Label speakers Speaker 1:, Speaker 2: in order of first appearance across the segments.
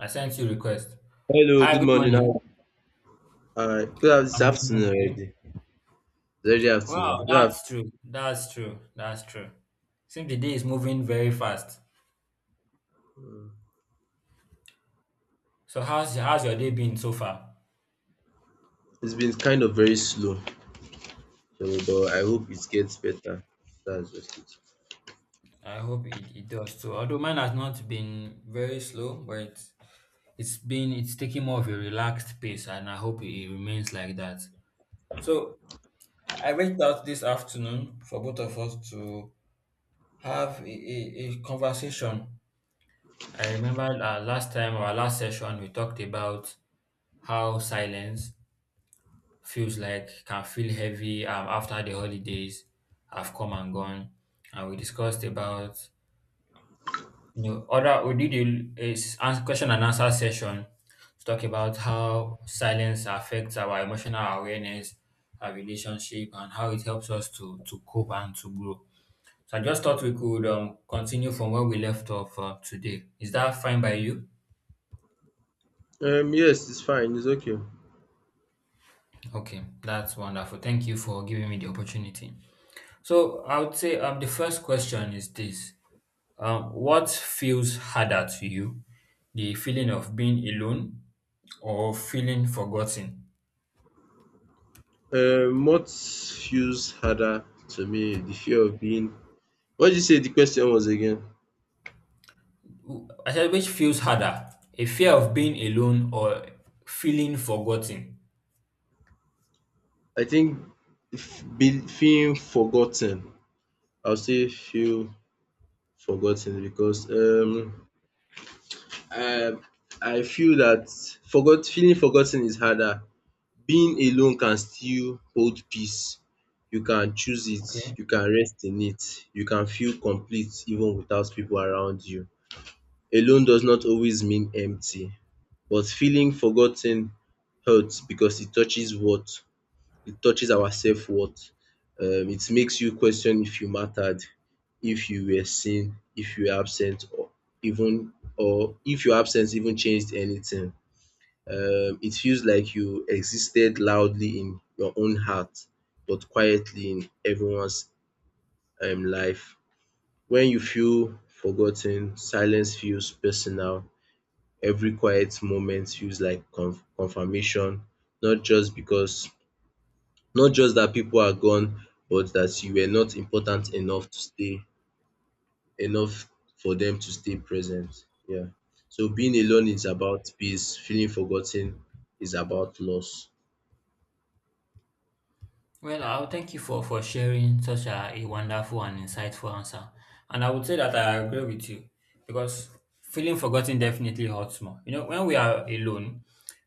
Speaker 1: I sent you request.
Speaker 2: Hello,
Speaker 1: Hi,
Speaker 2: good
Speaker 1: good
Speaker 2: morning.
Speaker 1: morning.
Speaker 2: It's
Speaker 1: I'm doing
Speaker 2: afternoon
Speaker 1: okay.
Speaker 2: already. It's already
Speaker 1: Wow,
Speaker 2: afternoon.
Speaker 1: that's true. That's true. That's true. Seems the day is moving very fast.
Speaker 2: Mm.
Speaker 1: So how's your day been so far?
Speaker 2: It's been kind of very slow, so, but I hope it gets better. That's just it.
Speaker 1: I hope it does too. Although mine has not been very slow, but it's been it's taking more of a relaxed pace, and I hope it remains like that. So I reached out this afternoon for both of us to have a conversation. I remember our last time, our last session, we talked about how silence feels like can feel heavy after the holidays have come and gone, and we discussed about you know other we did question and answer session to talk about how silence affects our emotional awareness, our relationship, and how it helps us to cope and to grow. So I just thought we could continue from where we left off today. Is that fine by you?
Speaker 2: Yes, it's fine. It's okay.
Speaker 1: Okay, that's wonderful. Thank you for giving me the opportunity. So I would say the first question is this. Um, What feels harder to you? The feeling of being alone or feeling forgotten?
Speaker 2: What feels harder to me, the fear of being. What did you say the question was again?
Speaker 1: I said, which feels harder? A fear of being alone or feeling forgotten?
Speaker 2: I think, if being, feeling forgotten. I'll say feel forgotten because I I feel that forgot feeling forgotten is harder. Being alone can still hold peace. You can choose it,
Speaker 1: Okay.
Speaker 2: you can rest in it, you can feel complete even without people around you. Alone does not always mean empty, but feeling forgotten hurts because it touches what? It touches our self-worth. It makes you question if you mattered, if you were seen, if you were absent, or even or if your absence even changed anything. It feels like you existed loudly in your own heart, but quietly in everyone's life. When you feel forgotten, silence feels personal. Every quiet moment feels like confirmation, not just because, not just that people are gone, but that you were not important enough to stay, enough for them to stay present. Yeah. So being alone is about peace, feeling forgotten is about loss.
Speaker 1: Well, I'll thank you for sharing such a wonderful and insightful answer. And I would say that I agree with you because feeling forgotten definitely hurts more. You know, when we are alone,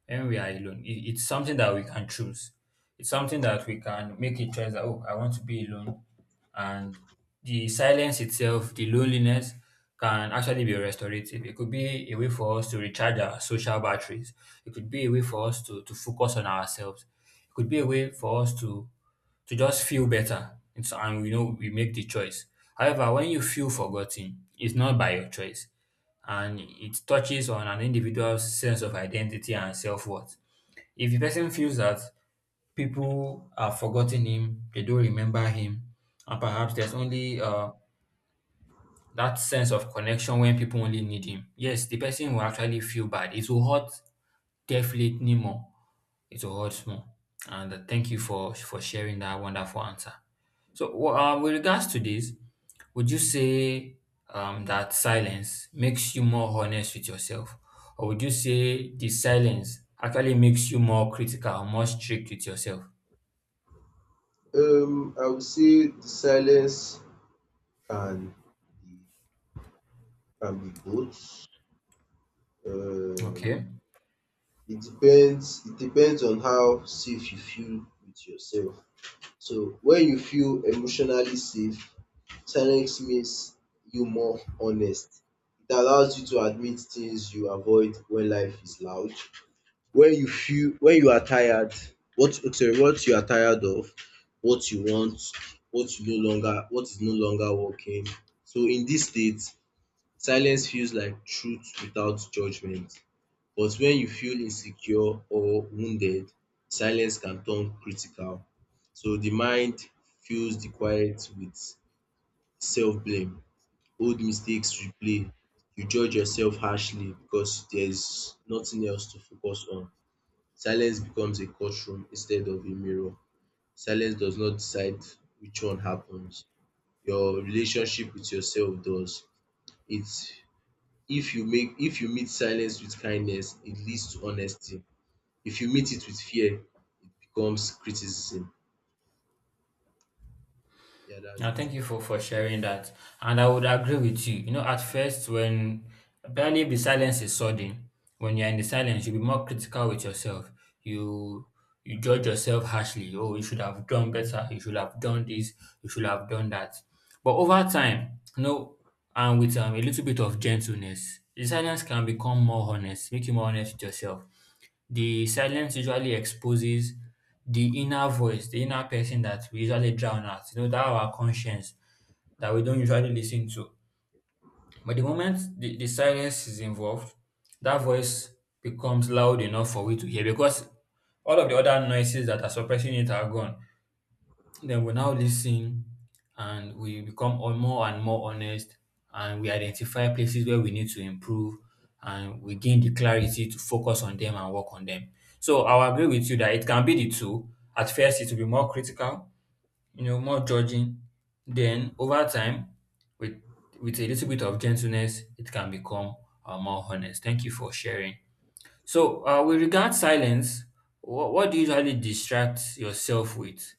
Speaker 1: when we are alone, it's something that we can choose. It's something that we can make a choice that, oh, I want to be alone. And the silence itself, the loneliness, can actually be restorative. It could be a way for us to recharge our social batteries. It could be a way for us to focus on ourselves. It could be a way for us to just feel better. And so, and we know we make the choice. However, when you feel forgotten, it's not by your choice. And it touches on an individual's sense of identity and self worth. If the person feels that people have forgotten him, they don't remember him, and perhaps there's only that sense of connection when people only need him, yes, the person will actually feel bad. It will hurt definitely more, it will hurt more. And thank you for sharing that wonderful answer. So, with regards to this, would you say that silence makes you more honest with yourself, or would you say the silence actually makes you more critical, more strict with yourself?
Speaker 2: I would say the silence can be can be both. Um,
Speaker 1: Okay.
Speaker 2: it depends. It depends on how safe you feel with yourself. So when you feel emotionally safe, silence makes you more honest. It allows you to admit things you avoid when life is loud. When you are tired, what you are tired of, what you want, what is no longer working. So in this state, silence feels like truth without judgment. But when you feel insecure or wounded, silence can turn critical. So the mind fills the quiet with self blame. Old mistakes replay. You judge yourself harshly because there is nothing else to focus on. Silence becomes a courtroom instead of a mirror. Silence does not decide which one happens. Your relationship with yourself does. It's if you make If you meet silence with kindness, it leads to honesty. If you meet it with fear, it becomes criticism. Yeah, that's
Speaker 1: Now,
Speaker 2: it.
Speaker 1: thank you for sharing that. And I would agree with you. You know, at first, when apparently if the silence is sudden, when you're in the silence, you'll be more critical with yourself. You you judge yourself harshly. Oh, you should have done better. You should have done this. You should have done that. But over time, you know, and with a little bit of gentleness, the silence can become more honest, make you more honest with yourself. The silence usually exposes the inner voice, the inner person that we usually drown out, you know, that our conscience, that we don't usually listen to. But the moment the silence is involved, that voice becomes loud enough for we to hear because all of the other noises that are suppressing it are gone. Then we now listen and we become more and more honest, and we identify places where we need to improve, and we gain the clarity to focus on them and work on them. So I'll agree with you that it can be the two. At first, it will be more critical, you know, more judging. Then over time, with a little bit of gentleness, it can become more honest. Thank you for sharing. So, with regard silence, what do you usually distract yourself with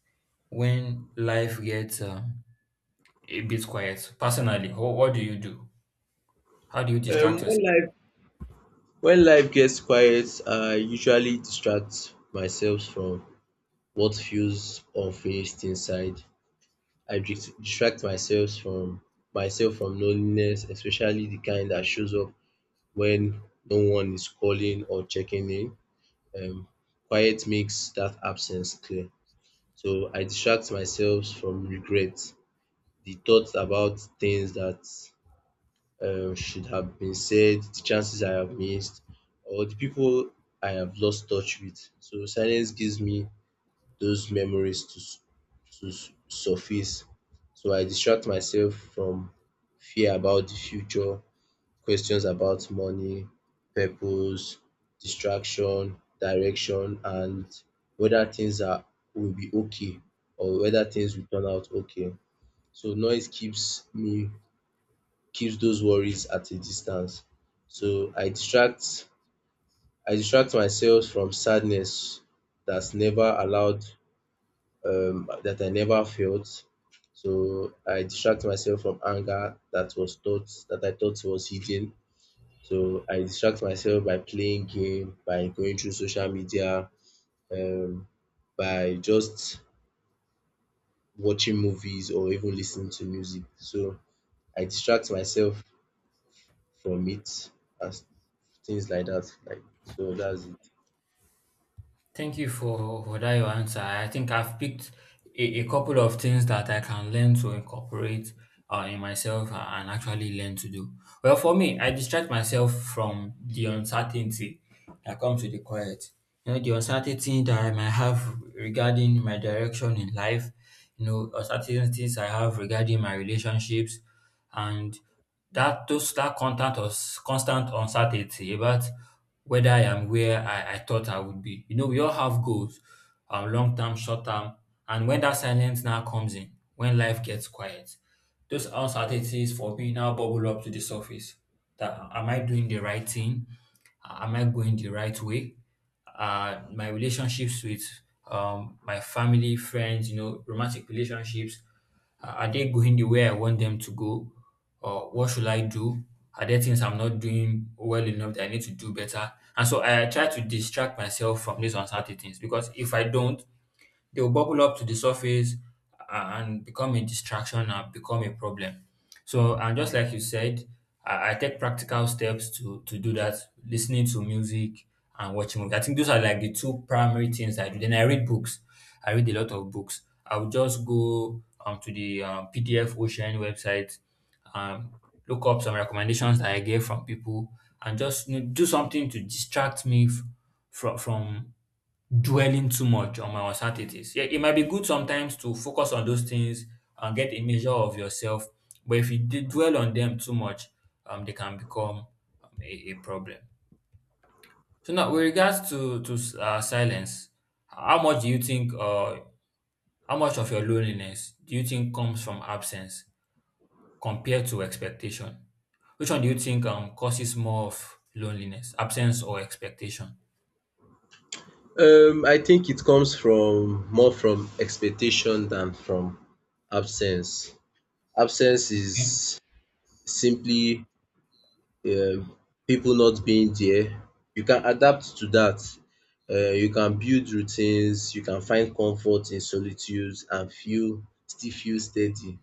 Speaker 1: when life gets a bit quiet? Personally, what do you do? How do you
Speaker 2: Um,
Speaker 1: distract
Speaker 2: when
Speaker 1: yourself?
Speaker 2: life when life gets quiet, I usually distract myself from what feels unfinished inside. I distract myself from loneliness, especially the kind that shows up when no one is calling or checking in. Um, Quiet makes that absence clear. So I distract myself from regrets, the thoughts about things that should have been said, the chances I have missed, or the people I have lost touch with. So silence gives me those memories to surface. So I distract myself from fear about the future, questions about money, purpose, distraction, direction, and whether things are will be okay or whether things will turn out okay. So noise keeps those worries at a distance. So I distract myself from sadness that's never allowed, that I never felt. So I distract myself from anger that I thought was hidden. So I distract myself by playing game, by going through social media, um, by just watching movies or even listening to music. So I distract myself from it as things like that. Like so that's it.
Speaker 1: Thank you for that your answer. I think I've picked a couple of things that I can learn to incorporate in myself and actually learn to do. Well, for me, I distract myself from the uncertainty that comes with the quiet. You know, the uncertainty that I might have regarding my direction in life, you know, uncertainties I have regarding my relationships, and that those that content or constant uncertainty about whether I am where I thought I would be. You know, we all have goals, long term, short term, and when that silence now comes in, when life gets quiet, those uncertainties for me now bubble up to the surface. That, am I doing the right thing? Am I going the right way? My relationships with my family, friends, you know, romantic relationships, are they going the way I want them to go? Or what should I do? Are there things I'm not doing well enough that I need to do better? And so I try to distract myself from these uncertainties because if I don't, they'll bubble up to the surface and become a distraction and become a problem. So, and just like you said, I take practical steps to do that, listening to music and watching movies. I think those are like the two primary things I do. Then I read books. I read a lot of books. I would just go to the PDF Ocean website, um, look up some recommendations that I get from people, and just you know, do something to distract me from dwelling too much on my uncertainties. Yeah, it might be good sometimes to focus on those things and get a measure of yourself, but if you dwell on them too much, they can become a problem. So now, with regards to silence, how much do you think, how much of your loneliness do you think comes from absence compared to expectation? Which one do you think causes more of loneliness, absence or expectation?
Speaker 2: I think it comes from more from expectation than from absence. Absence is simply um people not being there, you can adapt to that. You can build routines, you can find comfort in solitude and feel still feel steady.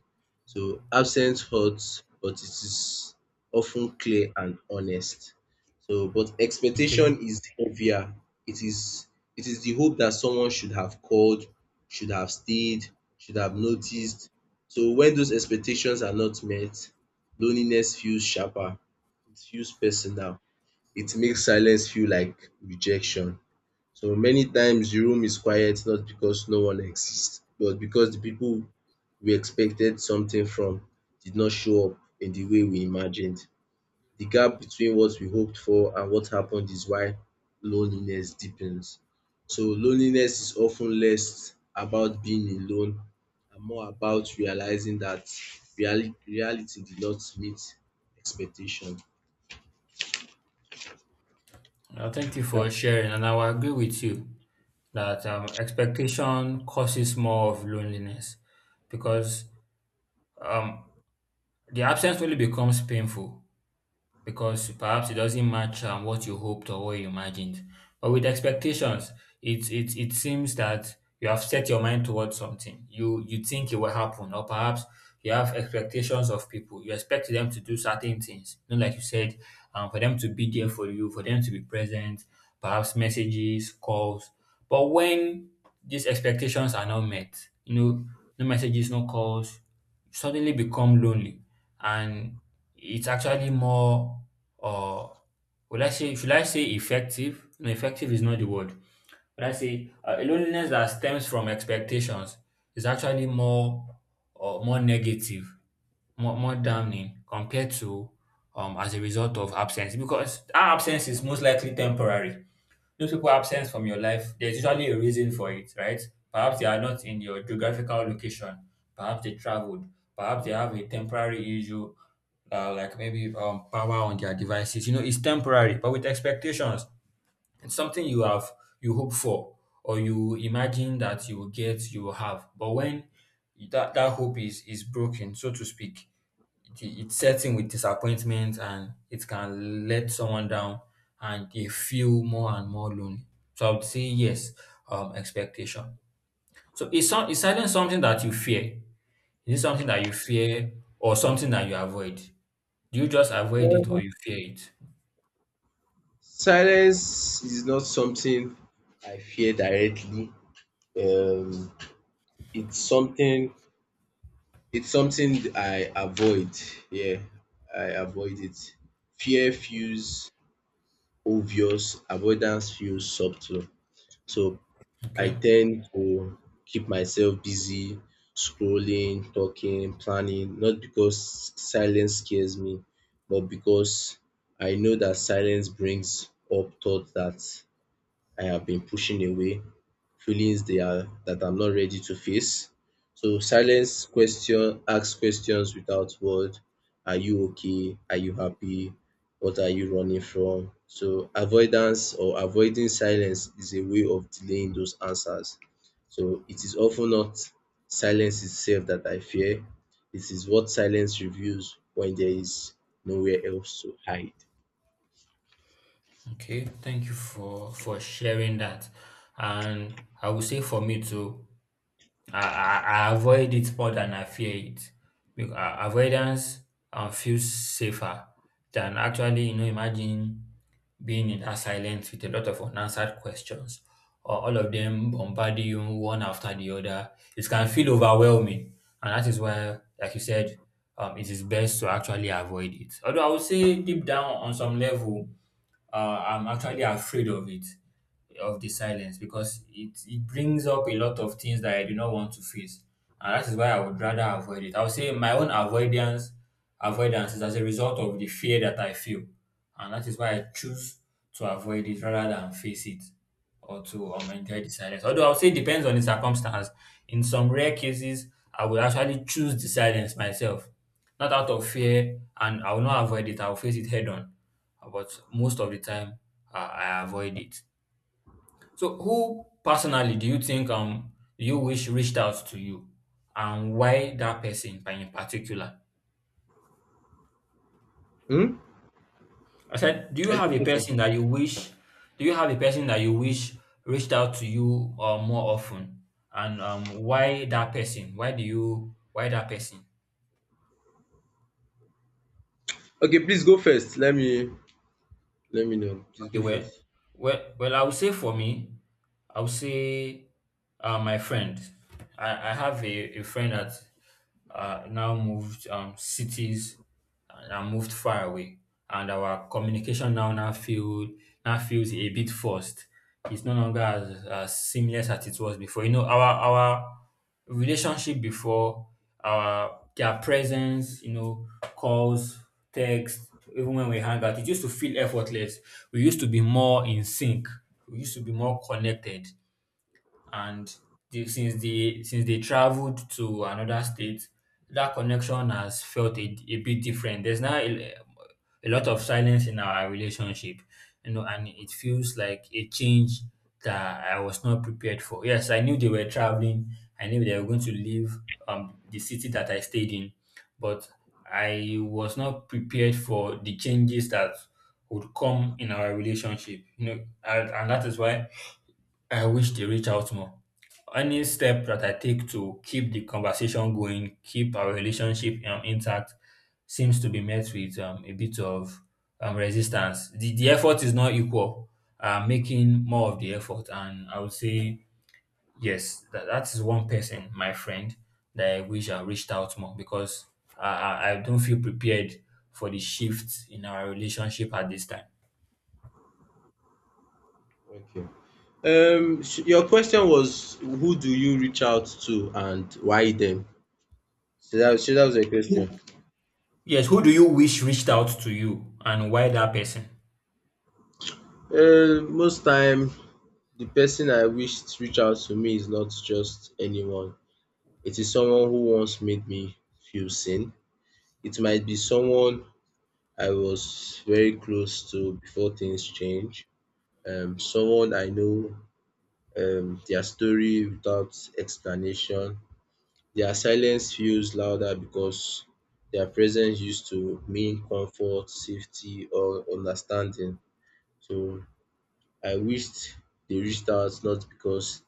Speaker 2: So absence hurts but it is often clear and honest. So but
Speaker 1: Okay.
Speaker 2: expectation is heavier. It is it is the hope that someone should have called, should have stayed, should have noticed. So when those expectations are not met, loneliness feels sharper. It feels personal. It makes silence feel like rejection. So many times the room is quiet not because no one exists, but because the people we expected something from did not show up in the way we imagined. The gap between what we hoped for and what happened is why loneliness deepens. So loneliness is often less about being alone and more about realizing that reality did not meet expectation.
Speaker 1: Thank you for
Speaker 2: That
Speaker 1: sharing, and I will agree with you that expectation causes more of loneliness because um, the absence only becomes painful because perhaps it doesn't match what you hoped or what you imagined. But with expectations, it seems that you have set your mind towards something. You think it will happen, or perhaps you have expectations of people. You expect them to do certain things. You know, like you said, for them to be there for you, for them to be present, perhaps messages, calls. But when these expectations are not met, you know, no messages, no calls suddenly become lonely, and it's actually more uh would I say, should I say effective? No, effective is not the word. Would I say a loneliness that stems from expectations is actually more more negative, more damning compared to as a result of absence, because our absence is most likely temporary. Those people absent from your life, there's usually a reason for it, right? Perhaps they are not in your geographical location. Perhaps they traveled. Perhaps they have a temporary issue, like maybe power on their devices. You know, it's temporary, but with expectations, it's something you have, you hope for, or you imagine that you will get, you will have. But when that hope is broken, so to speak, it sets in with disappointment and it can let someone down, and they feel more and more lonely. So I would say yes, expectation. So is silence something that you fear? Is it something that you fear or something that you avoid? Do you just avoid it or you fear it?
Speaker 2: Silence is not something I fear directly. Um, it's something I avoid. Yeah, I avoid it. Fear feels obvious, avoidance feels subtle. So I
Speaker 1: Okay.
Speaker 2: tend to keep myself busy, scrolling, talking, planning, not because silence scares me, but because I know that silence brings up thoughts that I have been pushing away, feelings they are that I'm not ready to face. So silence question ask questions without word. Are you okay? Are you happy? What are you running from? So avoidance or avoiding silence is a way of delaying those answers. So it is often not silence itself that I fear. It is what silence reveals when there is nowhere else to hide.
Speaker 1: Okay. Thank you for sharing that. And I would say for me too, I avoid it more than I fear it. Because avoidance feels safer than actually, you know, imagine being in that silence with a lot of unanswered questions or all of them bombarding you one after the other. It can feel overwhelming. And that is why, like you said, it is best to actually avoid it. Although I would say deep down on some level, I'm actually afraid of it, of the silence, because it brings up a lot of things that I do not want to face. And that is why I would rather avoid it. I would say my own avoidance is as a result of the fear that I feel. And that is why I choose to avoid it rather than face it or to enjoy the silence. Although I would say it depends on the circumstance. In some rare cases, I will actually choose the silence myself. Not out of fear, and I will not avoid it, I will face it head on. But most of the time, I avoid it. So, who personally do you think you wish reached out to you, and why that person by in particular?
Speaker 2: Hmm?
Speaker 1: I said, do you
Speaker 2: I
Speaker 1: have
Speaker 2: think
Speaker 1: a
Speaker 2: okay.
Speaker 1: person that you wish? Do you have a person that you wish reached out to you more often, and why that person? Why do you why that person?
Speaker 2: Okay, please go first. Let me know. Please
Speaker 1: Okay,
Speaker 2: go
Speaker 1: well,
Speaker 2: first.
Speaker 1: well, I would say for me, I would say my friend, I have a friend that now moved cities and moved far away, and our communication now now feel now feels a bit forced. It's no longer as seamless as it was before. You know, our relationship before, our their presence, you know, calls, text, even when we hang out, it used to feel effortless. We used to be more in sync. We used to be more connected, and since they traveled to another state, that connection has felt a bit different. There's now a lot of silence in our relationship, you know, and it feels like a change that I was not prepared for. Yes, I knew they were traveling. I knew they were going to leave the city that I stayed in, but I was not prepared for the changes that would come in our relationship. You know, and that is why I wish they reach out more. Any step that I take to keep the conversation going, keep our relationship intact, seems to be met with a bit of resistance. The effort is not equal. I'm making more of the effort, and I would say, yes, that is one person, my friend, that I wish I reached out more because I don't feel prepared for the shift in our relationship at this time.
Speaker 2: Okay. Your question was who do you reach out to and why them? So that was your question.
Speaker 1: Who- Yes, who do you wish reached out to you, and why that person?
Speaker 2: Most time, the person I wish to reach out to me is not just anyone. It is someone who once made me feel seen. It might be someone I was very close to before things change. Someone I know their story without explanation. Their silence feels louder because their presence used to mean comfort, safety, or understanding. So I wished they reached out not because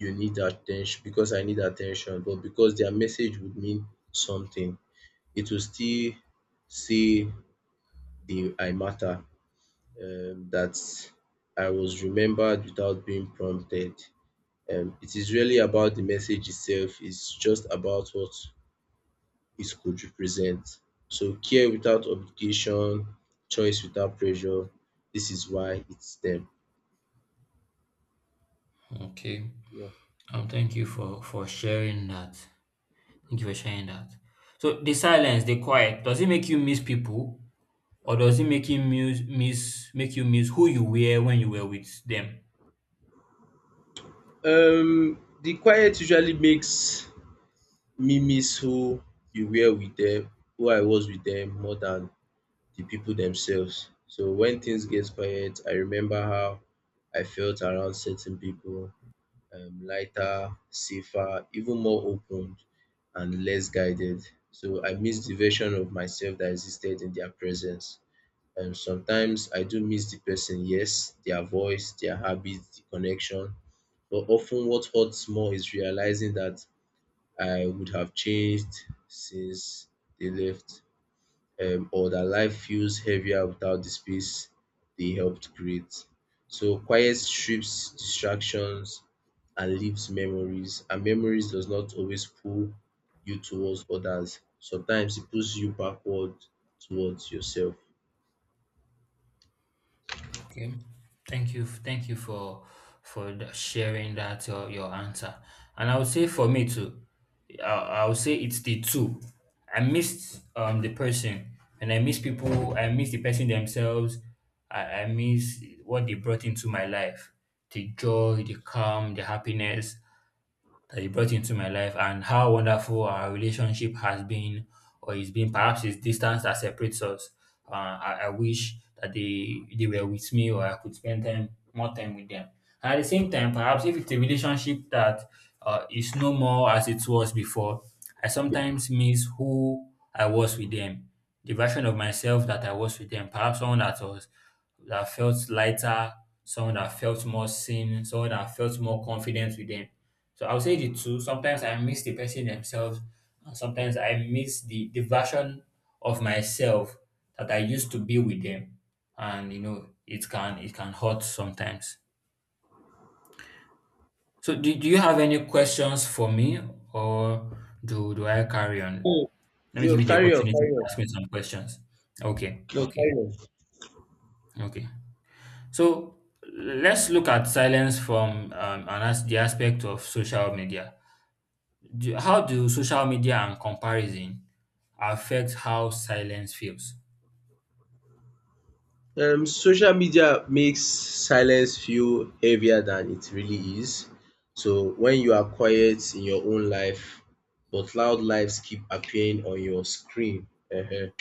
Speaker 2: you need attention, because I need attention, but because their message would mean something. It will still say they I matter, that I was remembered without being prompted. It is really about the message itself. It's just about what it could represent. So care without obligation, choice without pressure, this is why it's them.
Speaker 1: Okay.
Speaker 2: Yeah.
Speaker 1: Thank you for sharing that. Thank you for sharing that. So the silence, the quiet, does it make you miss people, or does it make you miss who you were when you were with them?
Speaker 2: The quiet usually makes me miss you were with them, who I was with them more than the people themselves. So when things get quiet, I remember how I felt around certain people, lighter, safer, even more open and less guided. So I miss the version of myself that existed in their presence. Sometimes I do miss the person, yes, their voice, their habits, the connection. But often what hurts more is realizing that I would have changed since they left, or that life feels heavier without the space they helped create. So quiet strips distractions and leaves memories, and memories does not always pull you towards others. Sometimes it pulls you backward towards yourself.
Speaker 1: Okay. Thank you. Thank you for sharing that your answer. And I would say for me too, I, I would say it's the two. I missed the person, and I miss people. I miss the person themselves. I miss what they brought into my life, the joy, the calm, the happiness that you brought into my life and how wonderful our relationship has been or is been. Perhaps it's distance that separates us. I wish that they were with me or I could spend time more time with them. And at the same time, perhaps if it's a relationship that is no more as it was before, I sometimes miss who I was with them, the version of myself that I was with them. Perhaps someone that was that felt lighter, someone that felt more seen, someone that felt more confident with them. So I would say the two. Sometimes I miss the person themselves, and sometimes I miss the version of myself that I used to be with them. And you know, it can hurt sometimes. So do you have any questions for me or do I carry on?
Speaker 2: Mm.
Speaker 1: Let me
Speaker 2: You
Speaker 1: give you the
Speaker 2: carry on,
Speaker 1: opportunity
Speaker 2: carry
Speaker 1: to
Speaker 2: on.
Speaker 1: ask me some questions.
Speaker 2: No,
Speaker 1: Okay.
Speaker 2: carry on.
Speaker 1: Okay. So let's look at silence from an as the aspect of social media. How do social media and comparison affect how silence feels?
Speaker 2: Social media makes silence feel heavier than it really is. So when you are quiet in your own life, but loud lives keep appearing on your screen. Ehen.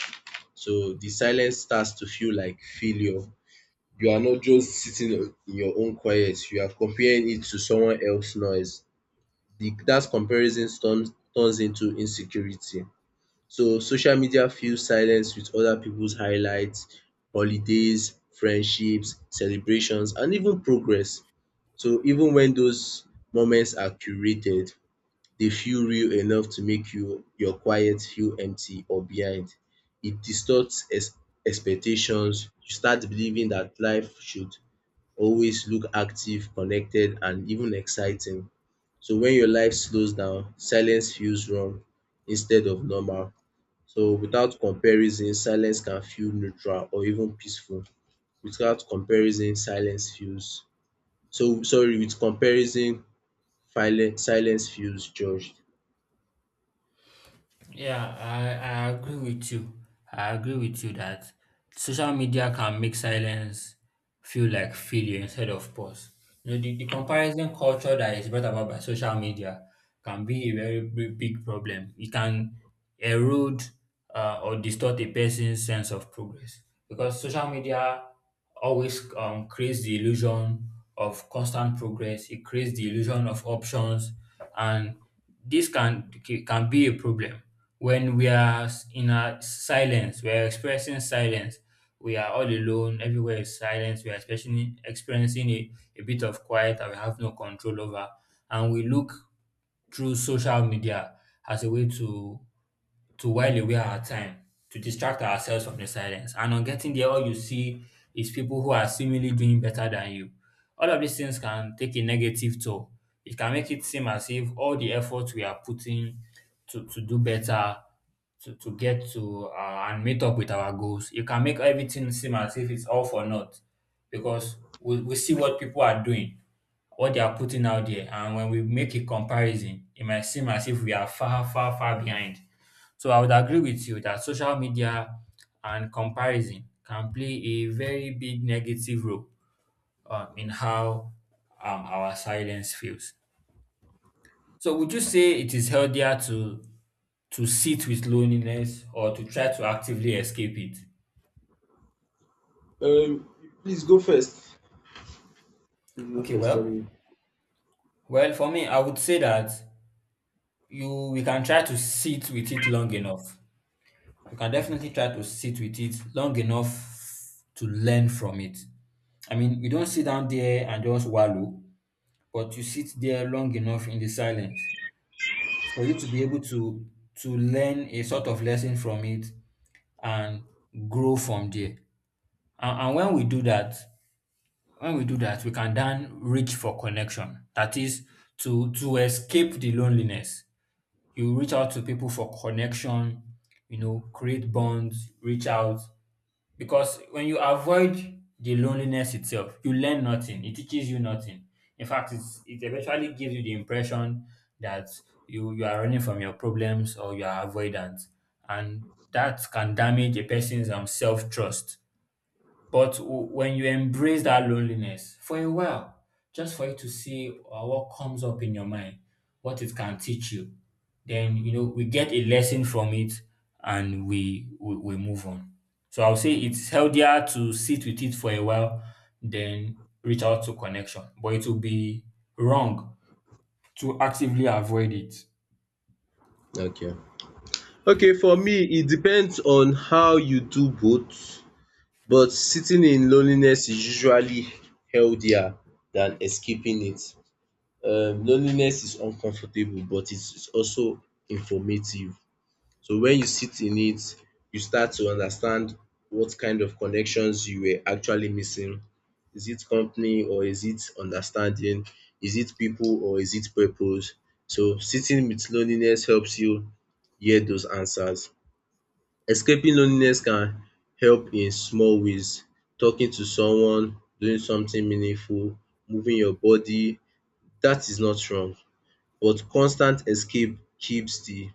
Speaker 2: So the silence starts to feel like failure. You are not just sitting in your own quiet, you are comparing it to someone else's noise. That comparison turns into insecurity. So social media fills silence with other people's highlights, holidays, friendships, celebrations and even progress. So even when those moments are curated, they feel real enough to make your quiet feel empty or behind. It distorts expectations. You start believing that life should always look active, connected and even exciting. So when your life slows down, silence feels wrong instead of normal. So without comparison, silence can feel neutral or even peaceful. Without comparison, silence feels so sorry, With comparison, silence feels judged.
Speaker 1: Yeah, I agree with you. I agree with you that social media can make silence feel like failure instead of pause. You know, the comparison culture that is brought about by social media can be a very big, big problem. It can erode or distort a person's sense of progress because social media always creates the illusion of constant progress. It creates the illusion of options, and this can be a problem when in a silence, we are expressing silence. We are all alone. Everywhere is silence. We are especially experiencing a bit of quiet that we have no control over, and we look through social media as a way to while away our time to distract ourselves from the silence. And on getting there, all you see is people who are seemingly doing better than you. All of these things can take a negative toll. It can make it seem as if all the effort we are putting to do better, to get to and meet up with our goals, it can make everything seem as if it's all for naught because we see what people are doing, what they are putting out there, and when we make a comparison, it might seem as if we are far, far, far behind. So I would agree with you that social media and comparison can play a very big negative role in how our silence feels. So would you say it is healthier to sit with loneliness or to try to actively escape it?
Speaker 2: Um Please go first. Please go
Speaker 1: Okay,
Speaker 2: first. Let
Speaker 1: well,
Speaker 2: me
Speaker 1: well, for me, I would say that you we can try to sit with it long enough. You can definitely try to sit with it long enough to learn from it. I mean, you don't sit down there and just wallow, but you sit there long enough in the silence for you to be able to learn a sort of lesson from it and grow from there. And, when we do that, when we do that, we can then reach for connection. That is to escape the loneliness. You reach out to people for connection, you know, create bonds, reach out. Because when you avoid the loneliness itself, you learn nothing. It teaches you nothing. In fact, it eventually gives you the impression that you are running from your problems or you are avoidant. And that can damage a person's self trust. But when you embrace that loneliness for a while, just for you to see what comes up in your mind, what it can teach you, then you know we get a lesson from it and we move on. So I'll say it's healthier to sit with it for a while than reach out to connection, but it will be wrong to actively avoid it.
Speaker 2: Okay. Okay, for me, it depends on how you do both, but sitting in loneliness is usually healthier than escaping it. Loneliness is uncomfortable, but it's also informative. So when you sit in it, you start to understand what kind of connections you were actually missing. Is it company or is it understanding? Is it people or is it purpose? So sitting with loneliness helps you hear those answers. Escaping loneliness can help in small ways. Talking to someone, doing something meaningful, moving your body, that is not wrong. But constant escape keeps the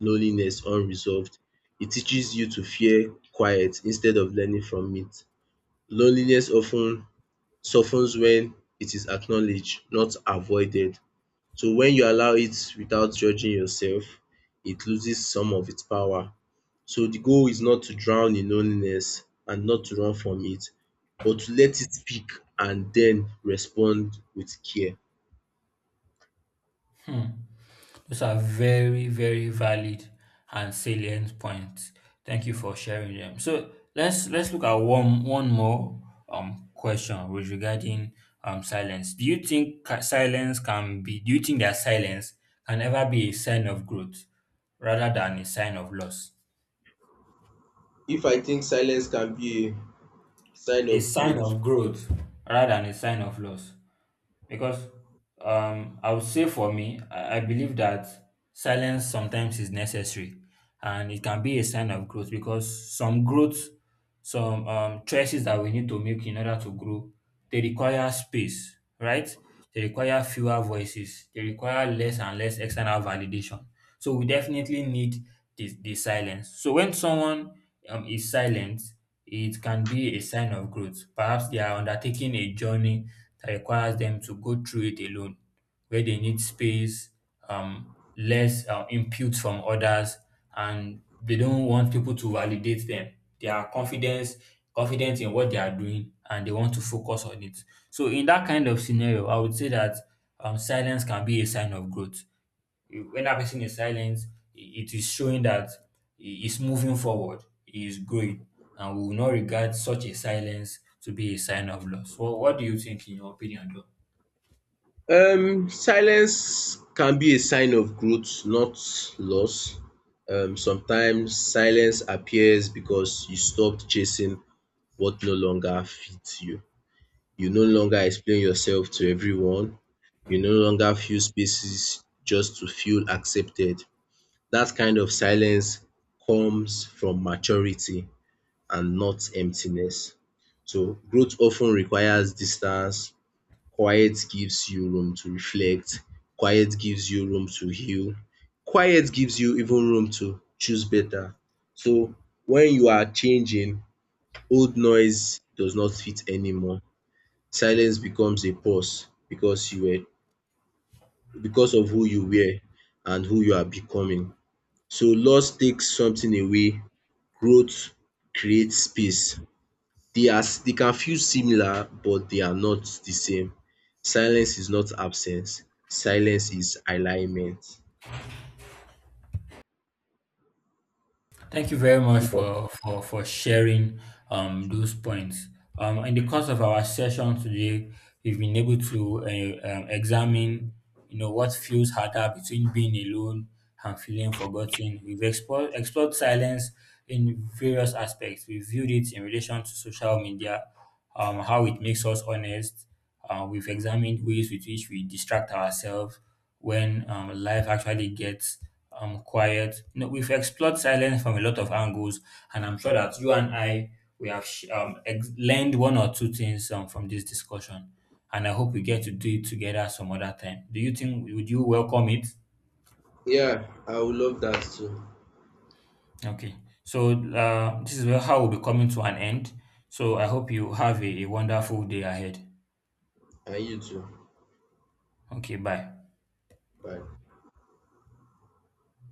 Speaker 2: loneliness unresolved. It teaches you to fear quiet instead of learning from it. Loneliness often softens when it is acknowledged, not avoided. So when you allow it without judging yourself, it loses some of its power. So the goal is not to drown in loneliness and not to run from it, but to let it speak and then respond with care.
Speaker 1: Hmm. Those are very, very valid and salient points. Thank you for sharing them. So let's look at one more question with regarding silence. Do you think ca- silence can be? Do you think that silence can ever be a sign of growth rather than a sign of loss?
Speaker 2: If I think silence can be a sign
Speaker 1: A
Speaker 2: of
Speaker 1: sign
Speaker 2: growth.
Speaker 1: of growth rather than a sign of loss. Because I would say for me, I believe that silence sometimes is necessary and it can be a sign of growth because some choices that we need to make in order to grow, they require space, right? They require fewer voices. They require less and less external validation. So we definitely need the silence. So when someone is silent, it can be a sign of growth. Perhaps they are undertaking a journey that requires them to go through it alone, where they need space, less input from others, and they don't want people to validate them. They are confidence confident in what they are doing, and they want to focus on it. So in that kind of scenario, I would say that silence can be a sign of growth. When that person is silent, it is showing that he is moving forward, he is growing, and we will not regard such a silence to be a sign of loss. Well, what do you think in your opinion, though?
Speaker 2: Silence can be a sign of growth, not loss. Sometimes silence appears because you stopped chasing what no longer fits you. You no longer explain yourself to everyone. You no longer fill spaces just to feel accepted. That kind of silence comes from maturity and not emptiness. So growth often requires distance. Quiet gives you room to reflect, quiet gives you room to heal, quiet gives you even room to choose better. So when you are changing, old noise does not fit anymore. Silence becomes a pause because of who you were and who you are becoming. So loss takes something away, growth creates space. They can feel similar, but they are not the same. Silence is not absence. Silence is alignment.
Speaker 1: Thank you very much for sharing those points. In the course of our session today, we've been able to examine, you know, what feels harder between being alone and feeling forgotten. We've explored silence in various aspects. We viewed it in relation to social media, how it makes us honest. We've examined ways with which we distract ourselves when life actually gets quiet. You know, we've explored silence from a lot of angles, and I'm sure that you and I, we have learned one or two things from this discussion. And I hope we get to do it together some other time. Do you think would you welcome it?
Speaker 2: Yeah, I would love that too.
Speaker 1: Okay, so this is where how we'll be coming to an end. So I hope you have a wonderful day ahead.
Speaker 2: And you too.
Speaker 1: Okay, bye.
Speaker 2: Bye.